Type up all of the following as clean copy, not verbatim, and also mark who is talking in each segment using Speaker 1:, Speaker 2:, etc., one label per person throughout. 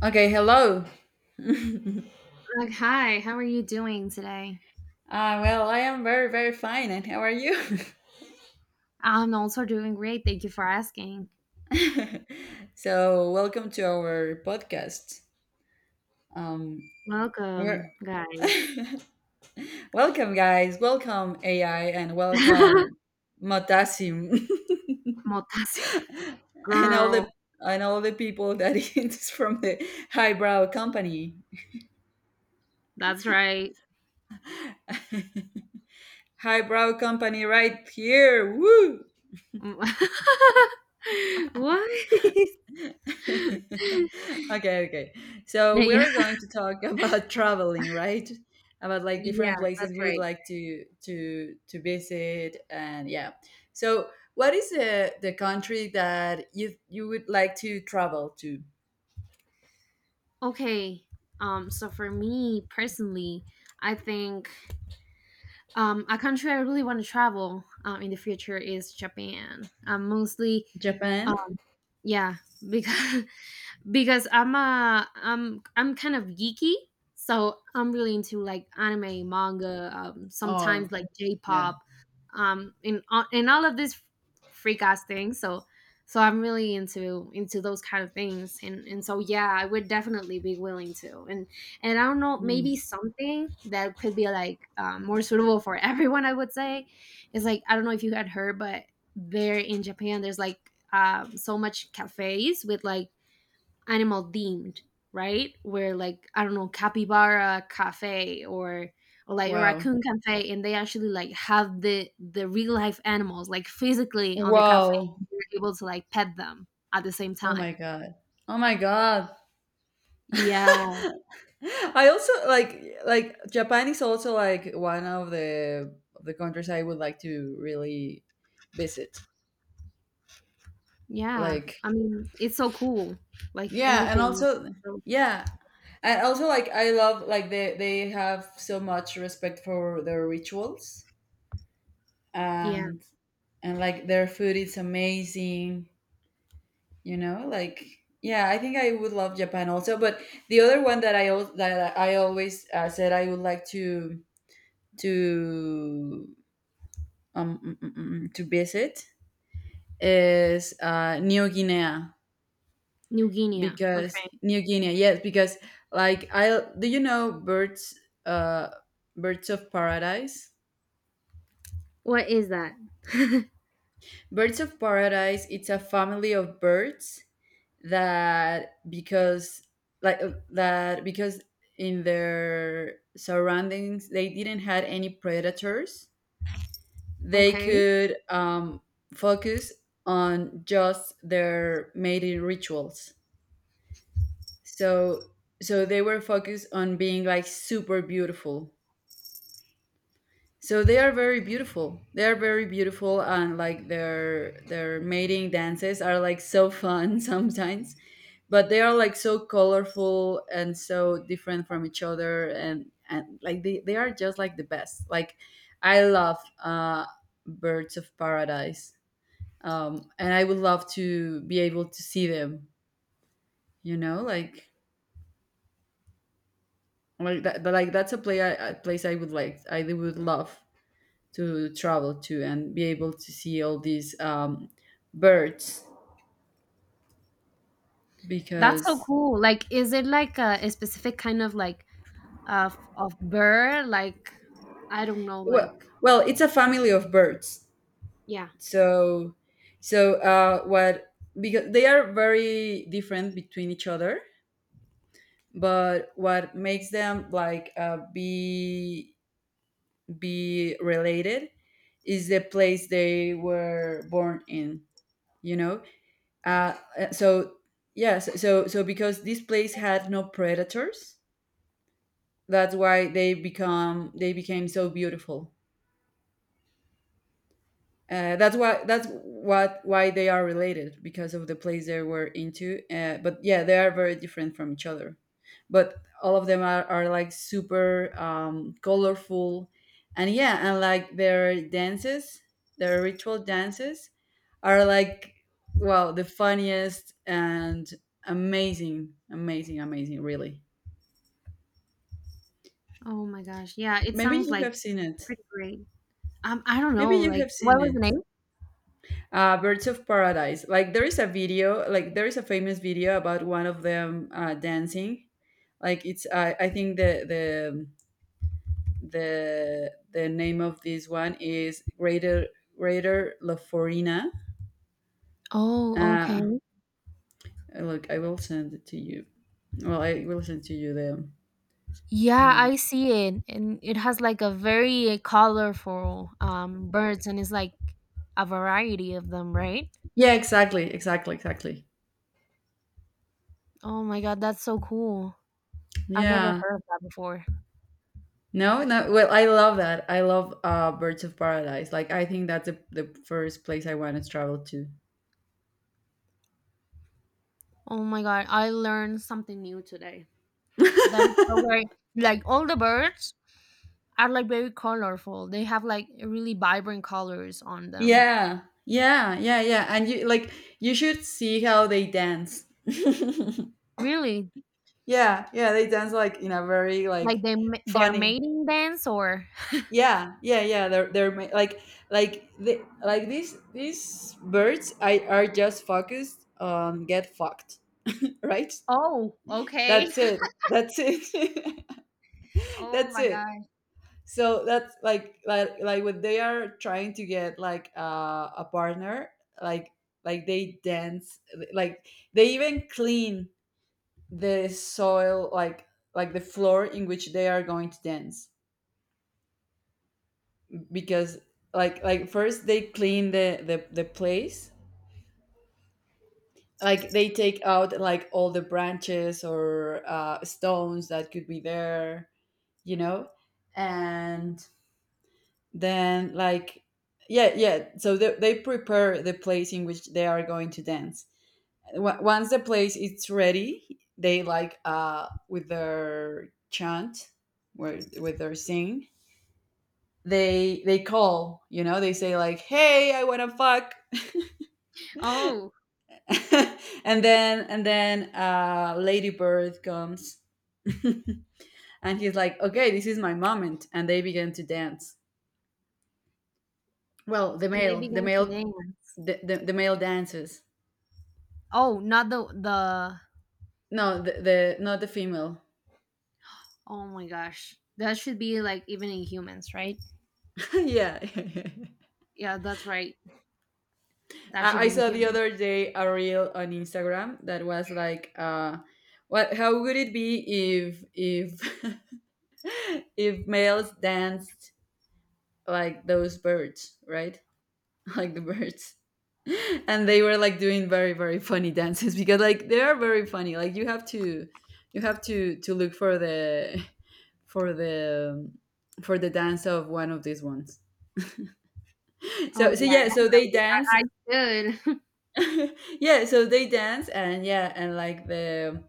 Speaker 1: Okay, hello.
Speaker 2: Like, hi, how are you doing today?
Speaker 1: Well, I am very, very fine. And how are you?
Speaker 2: I'm also doing great. Thank you for asking.
Speaker 1: So, welcome to our podcast. Um, we're
Speaker 2: Welcome, guys.
Speaker 1: Welcome, guys. Welcome AI and welcome Matasim
Speaker 2: Motasi
Speaker 1: and all
Speaker 2: girl,
Speaker 1: the and all the people that is from the highbrow company.
Speaker 2: that's right.
Speaker 1: Highbrow company, right here. Woo!
Speaker 2: Mm. What?
Speaker 1: Okay, okay. So we
Speaker 2: Yeah.
Speaker 1: are going to talk about traveling, right? About like
Speaker 2: Yeah,
Speaker 1: different places
Speaker 2: that's
Speaker 1: we would
Speaker 2: right.
Speaker 1: like to visit, and yeah. So, what is the country that you would like to travel to?
Speaker 2: Okay. So for me personally, I think a country I really want to travel in the future is Japan. Mostly uh,
Speaker 1: Japan.
Speaker 2: yeah, because because I'm a I'm I'm kind of geeky, so I'm really into like anime, manga, sometimes
Speaker 1: Oh,
Speaker 2: like
Speaker 1: yeah.
Speaker 2: J-pop, and and all of these freak ass things. So so I'm really into those kind of things, and so yeah, I would definitely be willing to, and I don't know, maybe
Speaker 1: Hmm.
Speaker 2: something that could be like more suitable for everyone. I would say is like I don't know if you had heard, but there in Japan, there's like so much cafes with like animal themed, right? Where like I don't know, capybara cafe or like a
Speaker 1: Wow.
Speaker 2: raccoon cafe, and they actually like have the real life animals like physically on the cafe.
Speaker 1: Wow!
Speaker 2: You're able to like pet them at the same
Speaker 1: Oh my
Speaker 2: time.
Speaker 1: god! Oh my god!
Speaker 2: Yeah,
Speaker 1: I also like Japan is also like one of the countries I would like to really visit.
Speaker 2: yeah.
Speaker 1: Like,
Speaker 2: I mean, it's so cool. Like
Speaker 1: yeah, and
Speaker 2: everything. So
Speaker 1: also
Speaker 2: so,
Speaker 1: yeah. And also like I love like they have so much respect for their rituals
Speaker 2: yeah,
Speaker 1: and and like their food is amazing, you know? Like, yeah, I think I would love Japan also, but the other one that that I always said I would like to mm, mm, mm, mm, to visit is New Guinea,
Speaker 2: New Guinea.
Speaker 1: because
Speaker 2: Okay,
Speaker 1: New Guinea, yes, because like I do, you know, birds, uh, birds of paradise.
Speaker 2: what is that?
Speaker 1: Birds of paradise. It's a family of birds that because that, because in their surroundings, they didn't had any predators. They
Speaker 2: Okay,
Speaker 1: could focus on just their mating rituals. So so they were focused on being like super beautiful. So they are very beautiful. They are very beautiful, and like their mating dances are like so fun sometimes. But they are like so colorful and so different from each other and like they are just like the best. Like, I love birds of paradise. And I would love to be able to see them, you know, like that, but like that's a place I would like I really would love to travel to and be able to see all these birds,
Speaker 2: that's so
Speaker 1: because
Speaker 2: cool. Like, is it like a specific kind of like of bird, like I don't know,
Speaker 1: well
Speaker 2: like,
Speaker 1: well it's a family of birds,
Speaker 2: yeah.
Speaker 1: so so what, because they are very different between each other, but what makes them like be related is the place they were born in, you know. Uh, so yeah, so, yes, so because this place had no predators, that's why they became so beautiful. That's why that's what why they are related, because of the place they were into. But yeah, they are very different from each other. But all of them are like super colorful, and yeah, and like their dances, their ritual dances, are like, wow, the funniest and amazing, amazing, amazing, really.
Speaker 2: Oh my gosh. Yeah, it
Speaker 1: Maybe
Speaker 2: sounds
Speaker 1: you
Speaker 2: like
Speaker 1: have seen it
Speaker 2: pretty great. I don't
Speaker 1: maybe
Speaker 2: know,
Speaker 1: you have
Speaker 2: like,
Speaker 1: seen
Speaker 2: what was the
Speaker 1: it
Speaker 2: name?
Speaker 1: Birds of paradise, like there is a famous video about one of them dancing. Like it's I think the name of this one is greater greater laforina.
Speaker 2: Oh,
Speaker 1: uh
Speaker 2: okay.
Speaker 1: Look, I will send it to you. Well, I will send to you the
Speaker 2: Yeah,
Speaker 1: um,
Speaker 2: I see it. And it has like a very colorful birds and it's like a variety of them, right?
Speaker 1: Yeah, exactly, exactly, exactly.
Speaker 2: Oh my god, that's so cool. I've never
Speaker 1: Yeah.
Speaker 2: heard of that before.
Speaker 1: No, no. Well, I love that. I love Birds of Paradise. Like, I think that's the first place I want to travel to.
Speaker 2: Oh my god, I learned something new today. That is so great. Like all the birds are like very colorful. They have like really vibrant colors on them.
Speaker 1: Yeah, yeah, yeah, yeah. And you like, you should see how they dance. Yeah,
Speaker 2: Really?
Speaker 1: yeah, they dance like in a very
Speaker 2: Like
Speaker 1: like
Speaker 2: they ma their
Speaker 1: funny.
Speaker 2: mating dance or
Speaker 1: Yeah, yeah, yeah. They're like the like these birds I are just focused on get fucked, right?
Speaker 2: oh, okay.
Speaker 1: That's it. That's it.
Speaker 2: Oh
Speaker 1: That's
Speaker 2: my
Speaker 1: it.
Speaker 2: gosh.
Speaker 1: So that's like when they are trying to get like a partner, like like they dance, like they even clean the soil, like the floor in which they are going to dance, because like first they clean the place. Like they take out like all the branches or stones that could be there, you know, and then like, yeah, yeah, so they prepare the place in which they are going to dance. Once the place is ready, they like with their chant, where with their sing, they call, you know, they say like, hey, I want to fuck.
Speaker 2: Oh,
Speaker 1: And then Lady Bird comes, and he's like, okay, this is my moment, and they begin to dance. Well, the
Speaker 2: and they
Speaker 1: male the
Speaker 2: began to
Speaker 1: male
Speaker 2: dance.
Speaker 1: the, the, the male dances.
Speaker 2: Oh, not the
Speaker 1: No, the not the female.
Speaker 2: oh my gosh. That should be like even in humans, right?
Speaker 1: Yeah,
Speaker 2: Yeah, that's right. That
Speaker 1: I,
Speaker 2: should
Speaker 1: I
Speaker 2: be in
Speaker 1: saw the
Speaker 2: humans.
Speaker 1: other day a reel on Instagram that was like, what? How would it be if if males danced like those birds, right? Like the birds, and they were like doing very, very funny dances, because like they are very funny. Like, you have to look for for the the dance of one of these ones. so
Speaker 2: Oh
Speaker 1: so
Speaker 2: yeah,
Speaker 1: yeah, so they
Speaker 2: definitely.
Speaker 1: dance.
Speaker 2: I should.
Speaker 1: Yeah, so they dance, and yeah, and like the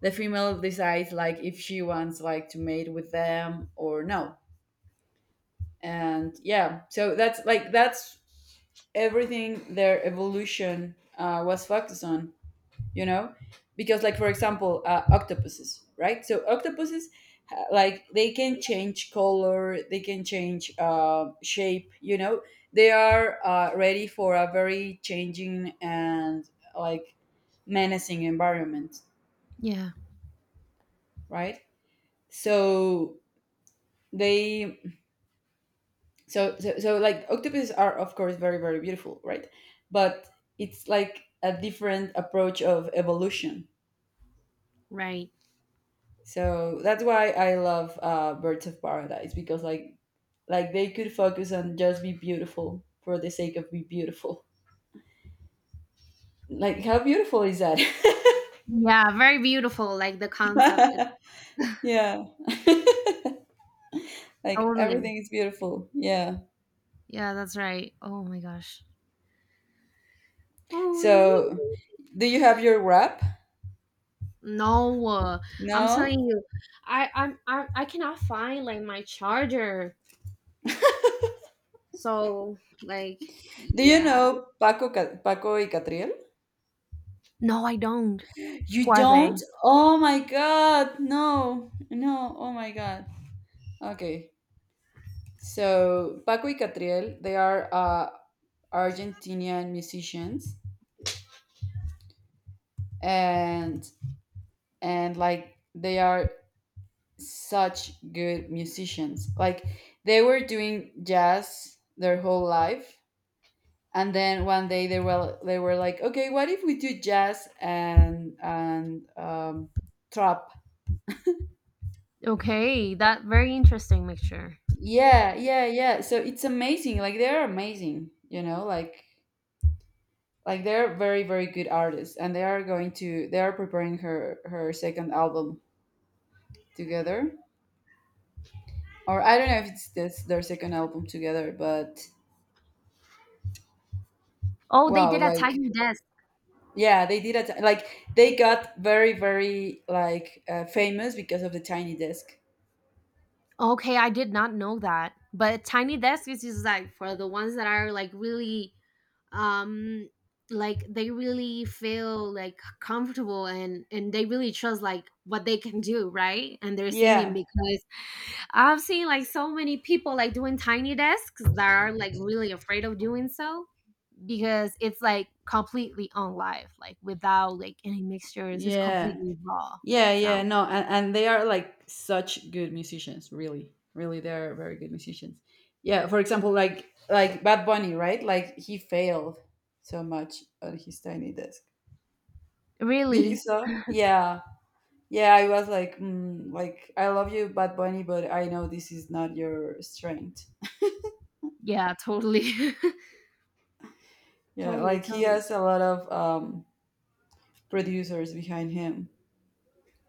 Speaker 1: the female decides, like, if she wants like to mate with them or no. And yeah, so that's everything their evolution was focused on, you know, because like, for example, octopuses, right? So octopuses like, they can change color, they can change shape, you know. They are ready for a very changing and like menacing environment,
Speaker 2: Yeah,
Speaker 1: right? So they so so, so like octopuses are, of course, very, very beautiful, right? But it's like a different approach of evolution.
Speaker 2: right.
Speaker 1: So that's why I love Birds of Paradise, because like they could focus on just be beautiful for the sake of be beautiful. Like, how beautiful is that?
Speaker 2: Yeah, very beautiful. Like the concept. It's
Speaker 1: Yeah, like,
Speaker 2: totally.
Speaker 1: everything is beautiful. Yeah.
Speaker 2: Yeah, that's right. Oh my gosh.
Speaker 1: So,
Speaker 2: Oh,
Speaker 1: do you have your rap?
Speaker 2: no, I'm telling
Speaker 1: No.
Speaker 2: you, I cannot find like my charger. So like
Speaker 1: Do you
Speaker 2: yeah.
Speaker 1: know Paco y Catriel?
Speaker 2: No, I don't.
Speaker 1: You
Speaker 2: Who are they?
Speaker 1: don't? Oh my god, no, no, oh my god. Okay, so Paco y Catriel, they are Argentinian musicians, and and like they are such good musicians. Like, they were doing jazz their whole life, and then one day they were like, "Okay, what if we do jazz and trap?"
Speaker 2: Okay, that very interesting mixture.
Speaker 1: Yeah, yeah, yeah. So it's amazing. Like, they're amazing, you know, like they're very, very good artists, and they are preparing her second album together, or I don't know if it's this their second album together, but,
Speaker 2: Oh, they
Speaker 1: wow,
Speaker 2: did a
Speaker 1: like,
Speaker 2: tiny desk.
Speaker 1: yeah, they did a t- like they got very, very like famous because of the Tiny Desk.
Speaker 2: Okay, I did not know that. But tiny desk is just like for the ones that are like really um like they really feel like comfortable and they really trust like what they can do right and they're singing
Speaker 1: Yeah,
Speaker 2: because I've seen like so many people like doing tiny desks that are like really afraid of doing so because it's like completely on live like without like any mixtures, it's
Speaker 1: yeah,
Speaker 2: completely raw
Speaker 1: yeah,
Speaker 2: so
Speaker 1: yeah. No, and they are like such good musicians. Really, really, they are very good musicians. Yeah, for example, like Bad Bunny, right? Like, he failed so much on his Tiny Desk. Did you
Speaker 2: really
Speaker 1: saw? Yeah, yeah, I was like, like, I love you, Bad Bunny, but I know this is not your strength.
Speaker 2: yeah totally
Speaker 1: Yeah,
Speaker 2: totally
Speaker 1: like he
Speaker 2: totally
Speaker 1: has a lot of producers behind him.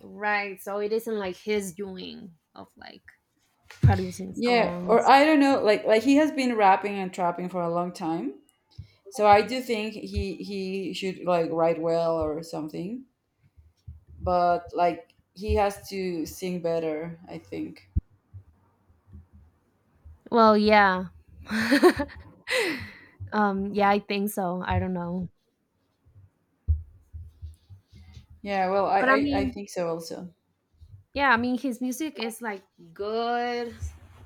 Speaker 2: right so it isn't like his doing of like producing
Speaker 1: Yeah,
Speaker 2: songs.
Speaker 1: or I don't know, like he has been rapping and trapping for a long time. So I do think he should like write well or something, but like he has to sing better, I think.
Speaker 2: Well, yeah. Yeah, I think so. I don't know.
Speaker 1: Yeah, well, I
Speaker 2: But I
Speaker 1: I, I
Speaker 2: mean,
Speaker 1: think so also.
Speaker 2: yeah, I mean his music is like good.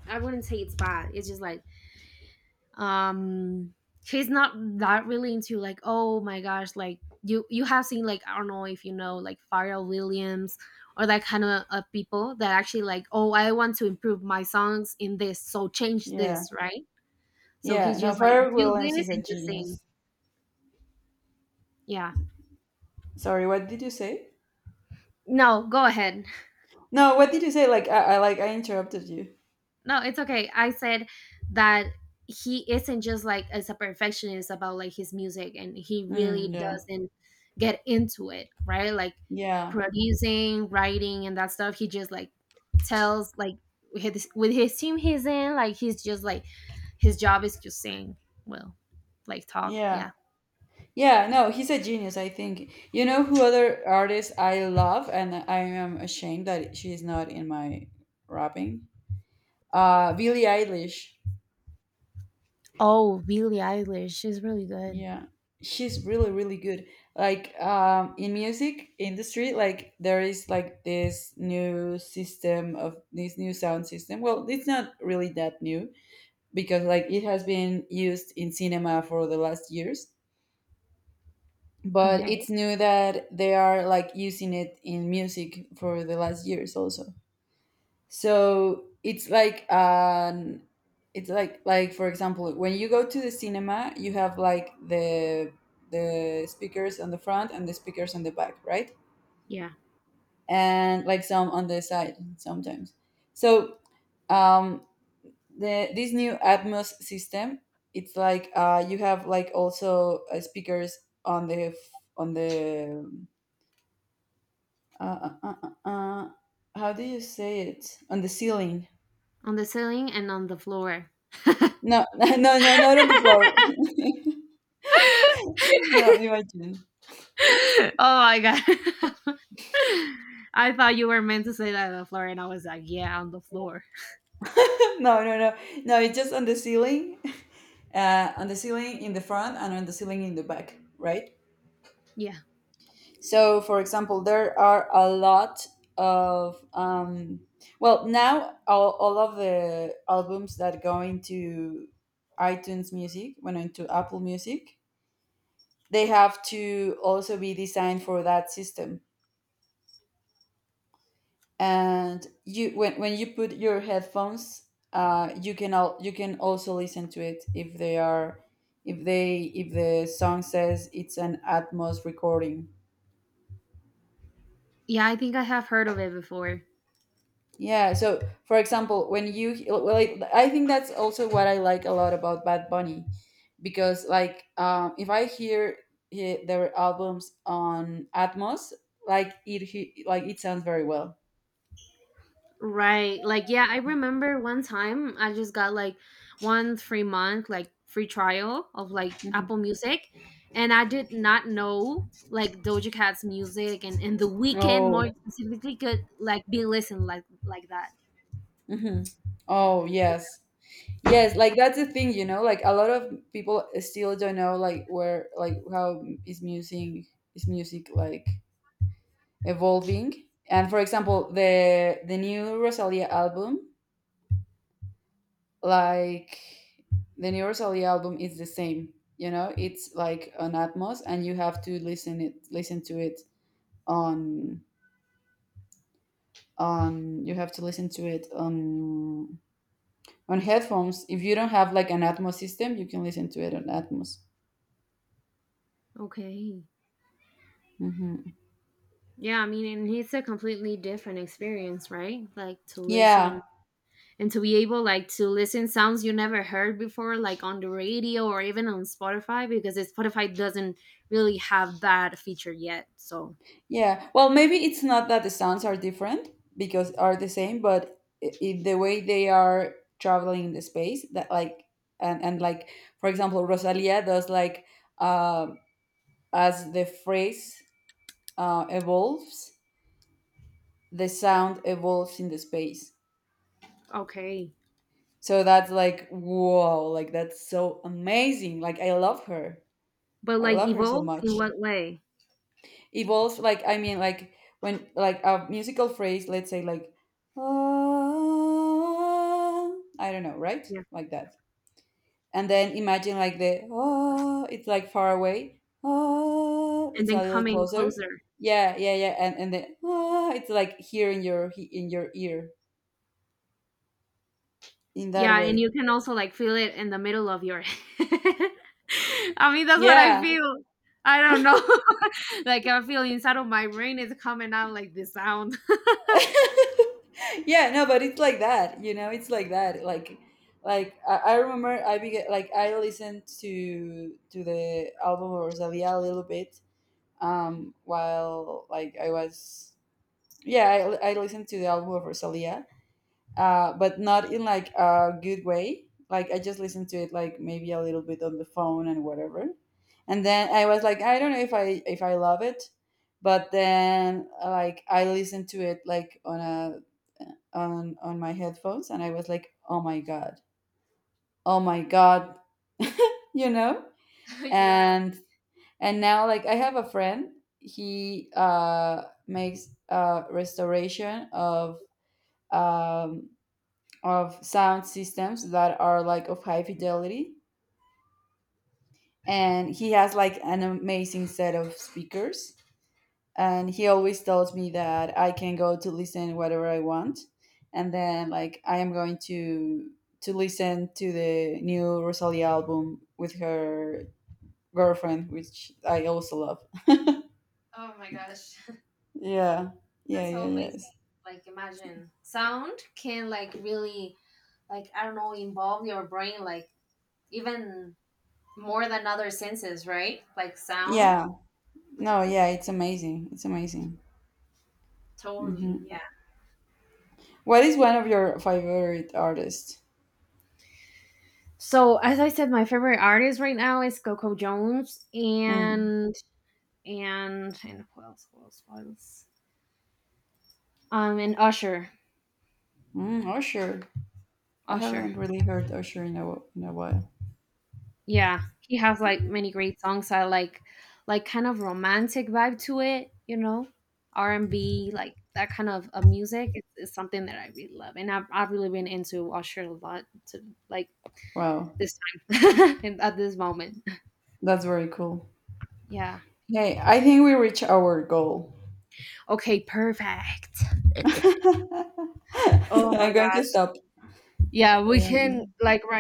Speaker 2: I wouldn't say it's bad. It's just like um he's not that really into like oh my gosh, like you have seen like I don't know if you know like Pharrell Williams or that kind of people that actually like oh I want to improve my songs in this, so change
Speaker 1: Yeah,
Speaker 2: this, right? So
Speaker 1: yeah.
Speaker 2: he's
Speaker 1: No,
Speaker 2: just like
Speaker 1: Pharrell
Speaker 2: do
Speaker 1: Williams
Speaker 2: this
Speaker 1: is a
Speaker 2: and just sing.
Speaker 1: genius.
Speaker 2: Yeah.
Speaker 1: Sorry, what did you say?
Speaker 2: No, go ahead.
Speaker 1: No, what did you say? Like, I like I interrupted you.
Speaker 2: No, it's okay. I said that he isn't just like as a perfectionist about like his music and he
Speaker 1: Mm,
Speaker 2: really
Speaker 1: yeah.
Speaker 2: doesn't get into it, right? Like
Speaker 1: Yeah.
Speaker 2: producing, writing and that stuff. He just like tells like his, with his team he's in, like he's just like his job is to sing. Well, like talk,
Speaker 1: Yeah.
Speaker 2: yeah.
Speaker 1: Yeah, no, he's a genius, I think. You know who other artists I love and I am ashamed that she's not in my rapping? Billie Eilish.
Speaker 2: Oh, Billie Eilish. She's really good.
Speaker 1: Yeah. She's really, really good. Like, in music industry, like there is like this new system of this new sound system. Well, it's not really that new, because like it has been used in cinema for the last years, but
Speaker 2: Okay.
Speaker 1: it's new that they are like using it in music for the last years also. So it's like for example, when you go to the cinema, you have like the speakers on the front and the speakers on the back, right?
Speaker 2: Yeah.
Speaker 1: And like some on the side sometimes. So um the this new atmos system, it's like you have like also speakers on the Uh, uh, uh, uh, uh. How do you say it? On the ceiling.
Speaker 2: On the ceiling and on the floor.
Speaker 1: No, no, no, not on the floor. No, imagine.
Speaker 2: Oh my god. I thought you were meant to say that on the floor, and I was like, yeah, on the floor.
Speaker 1: No, no, no. No, it's just on the ceiling. On the ceiling in the front and on the ceiling in the back, right?
Speaker 2: Yeah.
Speaker 1: So, for example, there are a lot of well, now, all of the albums that go into iTunes Music, went into Apple Music, they have to also be designed for that system. And you when you put your headphones, you can also listen to it, if they are if they if the song says it's an atmos recording.
Speaker 2: Yeah, I think I have heard of it before.
Speaker 1: Yeah, so, for example, when you well, like, I think that's also what I like a lot about Bad Bunny, because like if I hear their albums on atmos, like like it sounds very well.
Speaker 2: Right. Like, yeah, I remember one time I just got like one free month, like free trial of like
Speaker 1: Mhm.
Speaker 2: Apple Music. And I did not know like Doja Cat's music and the weekend more
Speaker 1: Oh.
Speaker 2: specifically could like be listened like that.
Speaker 1: Mhm. Oh, yes. Yes, like, that's the thing, you know, like a lot of people still don't know like where, like how is music, is music like evolving. And for example, the new Rosalia album, like, the new Rosalia album is the same, you know, it's like on Atmos, and you have to listen to it on on you have to listen to it on headphones. If you don't have like an Atmos system, you can listen to it on Atmos.
Speaker 2: Okay.
Speaker 1: Hmm.
Speaker 2: Yeah, I mean, and it's a completely different experience, right? Like to
Speaker 1: Yeah.
Speaker 2: listen and to be able like to listen sounds you never heard before, like on the radio or even on Spotify, because it- Spotify doesn't really have that feature yet. So
Speaker 1: Yeah. Well, maybe it's not that the sounds are different, because are the same, but the way they are traveling in the space, that like, and like, for example, Rosalia does like um as the phrase evolves, the sound evolves in the space.
Speaker 2: okay,
Speaker 1: So that's like, wow, like, that's so amazing. Like, I love her.
Speaker 2: but
Speaker 1: I
Speaker 2: like
Speaker 1: love her so
Speaker 2: evolves in
Speaker 1: much.
Speaker 2: what way?
Speaker 1: Evolves, like, I mean, like when like a musical phrase, let's say like, ah, I don't know, right,
Speaker 2: Yeah,
Speaker 1: like that. And then imagine like the oh, it's like far away, oh,
Speaker 2: and
Speaker 1: it's
Speaker 2: then
Speaker 1: a little
Speaker 2: coming
Speaker 1: closer.
Speaker 2: closer.
Speaker 1: Yeah, yeah, yeah, and then, oh, it's like here in your ear, in that
Speaker 2: Yeah, and
Speaker 1: way.
Speaker 2: you can also like feel it in the middle of your head. I mean, that's what I
Speaker 1: Yeah,
Speaker 2: feel. I don't know. Like I feel inside of my brain is coming out like the sound.
Speaker 1: yeah, no, but it's like that, you know, it's like that, like I remember, I began like I listened to the album of Rosalia a little bit, while like I was, yeah, I listened to the album of Rosalia, but not in like a good way. Like, I just listened to it like maybe a little bit on the phone and whatever, and then I was like, I don't know if I love it, but then like I listened to it like on my headphones, and I was like, oh my god, oh my god. You know,
Speaker 2: Yeah.
Speaker 1: and and now, like, I have a friend, he makes restoration of um sound systems that are like of high fidelity, and he has like an amazing set of speakers, and he always tells me that I can go to listen whatever I want, and then, like, I am going to listen to the new Rosalia album with her girlfriend, which I also love.
Speaker 2: Oh my gosh.
Speaker 1: Yeah, yeah,
Speaker 2: That's so
Speaker 1: yeah, yes,
Speaker 2: amazing. Like imagine sound can like really like I don't know involve your brain like even more than other senses, right? Like sound.
Speaker 1: yeah. No, yeah, it's amazing. It's amazing.
Speaker 2: Totally.
Speaker 1: hmm
Speaker 2: Yeah.
Speaker 1: What is one of your favorite artists?
Speaker 2: So as I said, my favorite artist right now is Coco Jones
Speaker 1: Mm.
Speaker 2: and and who else? Who else? Who else? And Usher.
Speaker 1: Mm, Usher. I
Speaker 2: Usher.
Speaker 1: haven't really heard Usher in a while.
Speaker 2: Yeah, he has like many great songs. I like kind of romantic vibe to it, you know, R&B, like that kind of music is something that I really love, and I've really been into Usher a lot to like
Speaker 1: Wow,
Speaker 2: this time and at this moment.
Speaker 1: that's very cool.
Speaker 2: Yeah.
Speaker 1: Hey, I think we reached our goal.
Speaker 2: Okay. Perfect. Oh
Speaker 1: I'm
Speaker 2: my
Speaker 1: going to
Speaker 2: gosh.
Speaker 1: stop.
Speaker 2: Yeah, we can
Speaker 1: Um,
Speaker 2: like right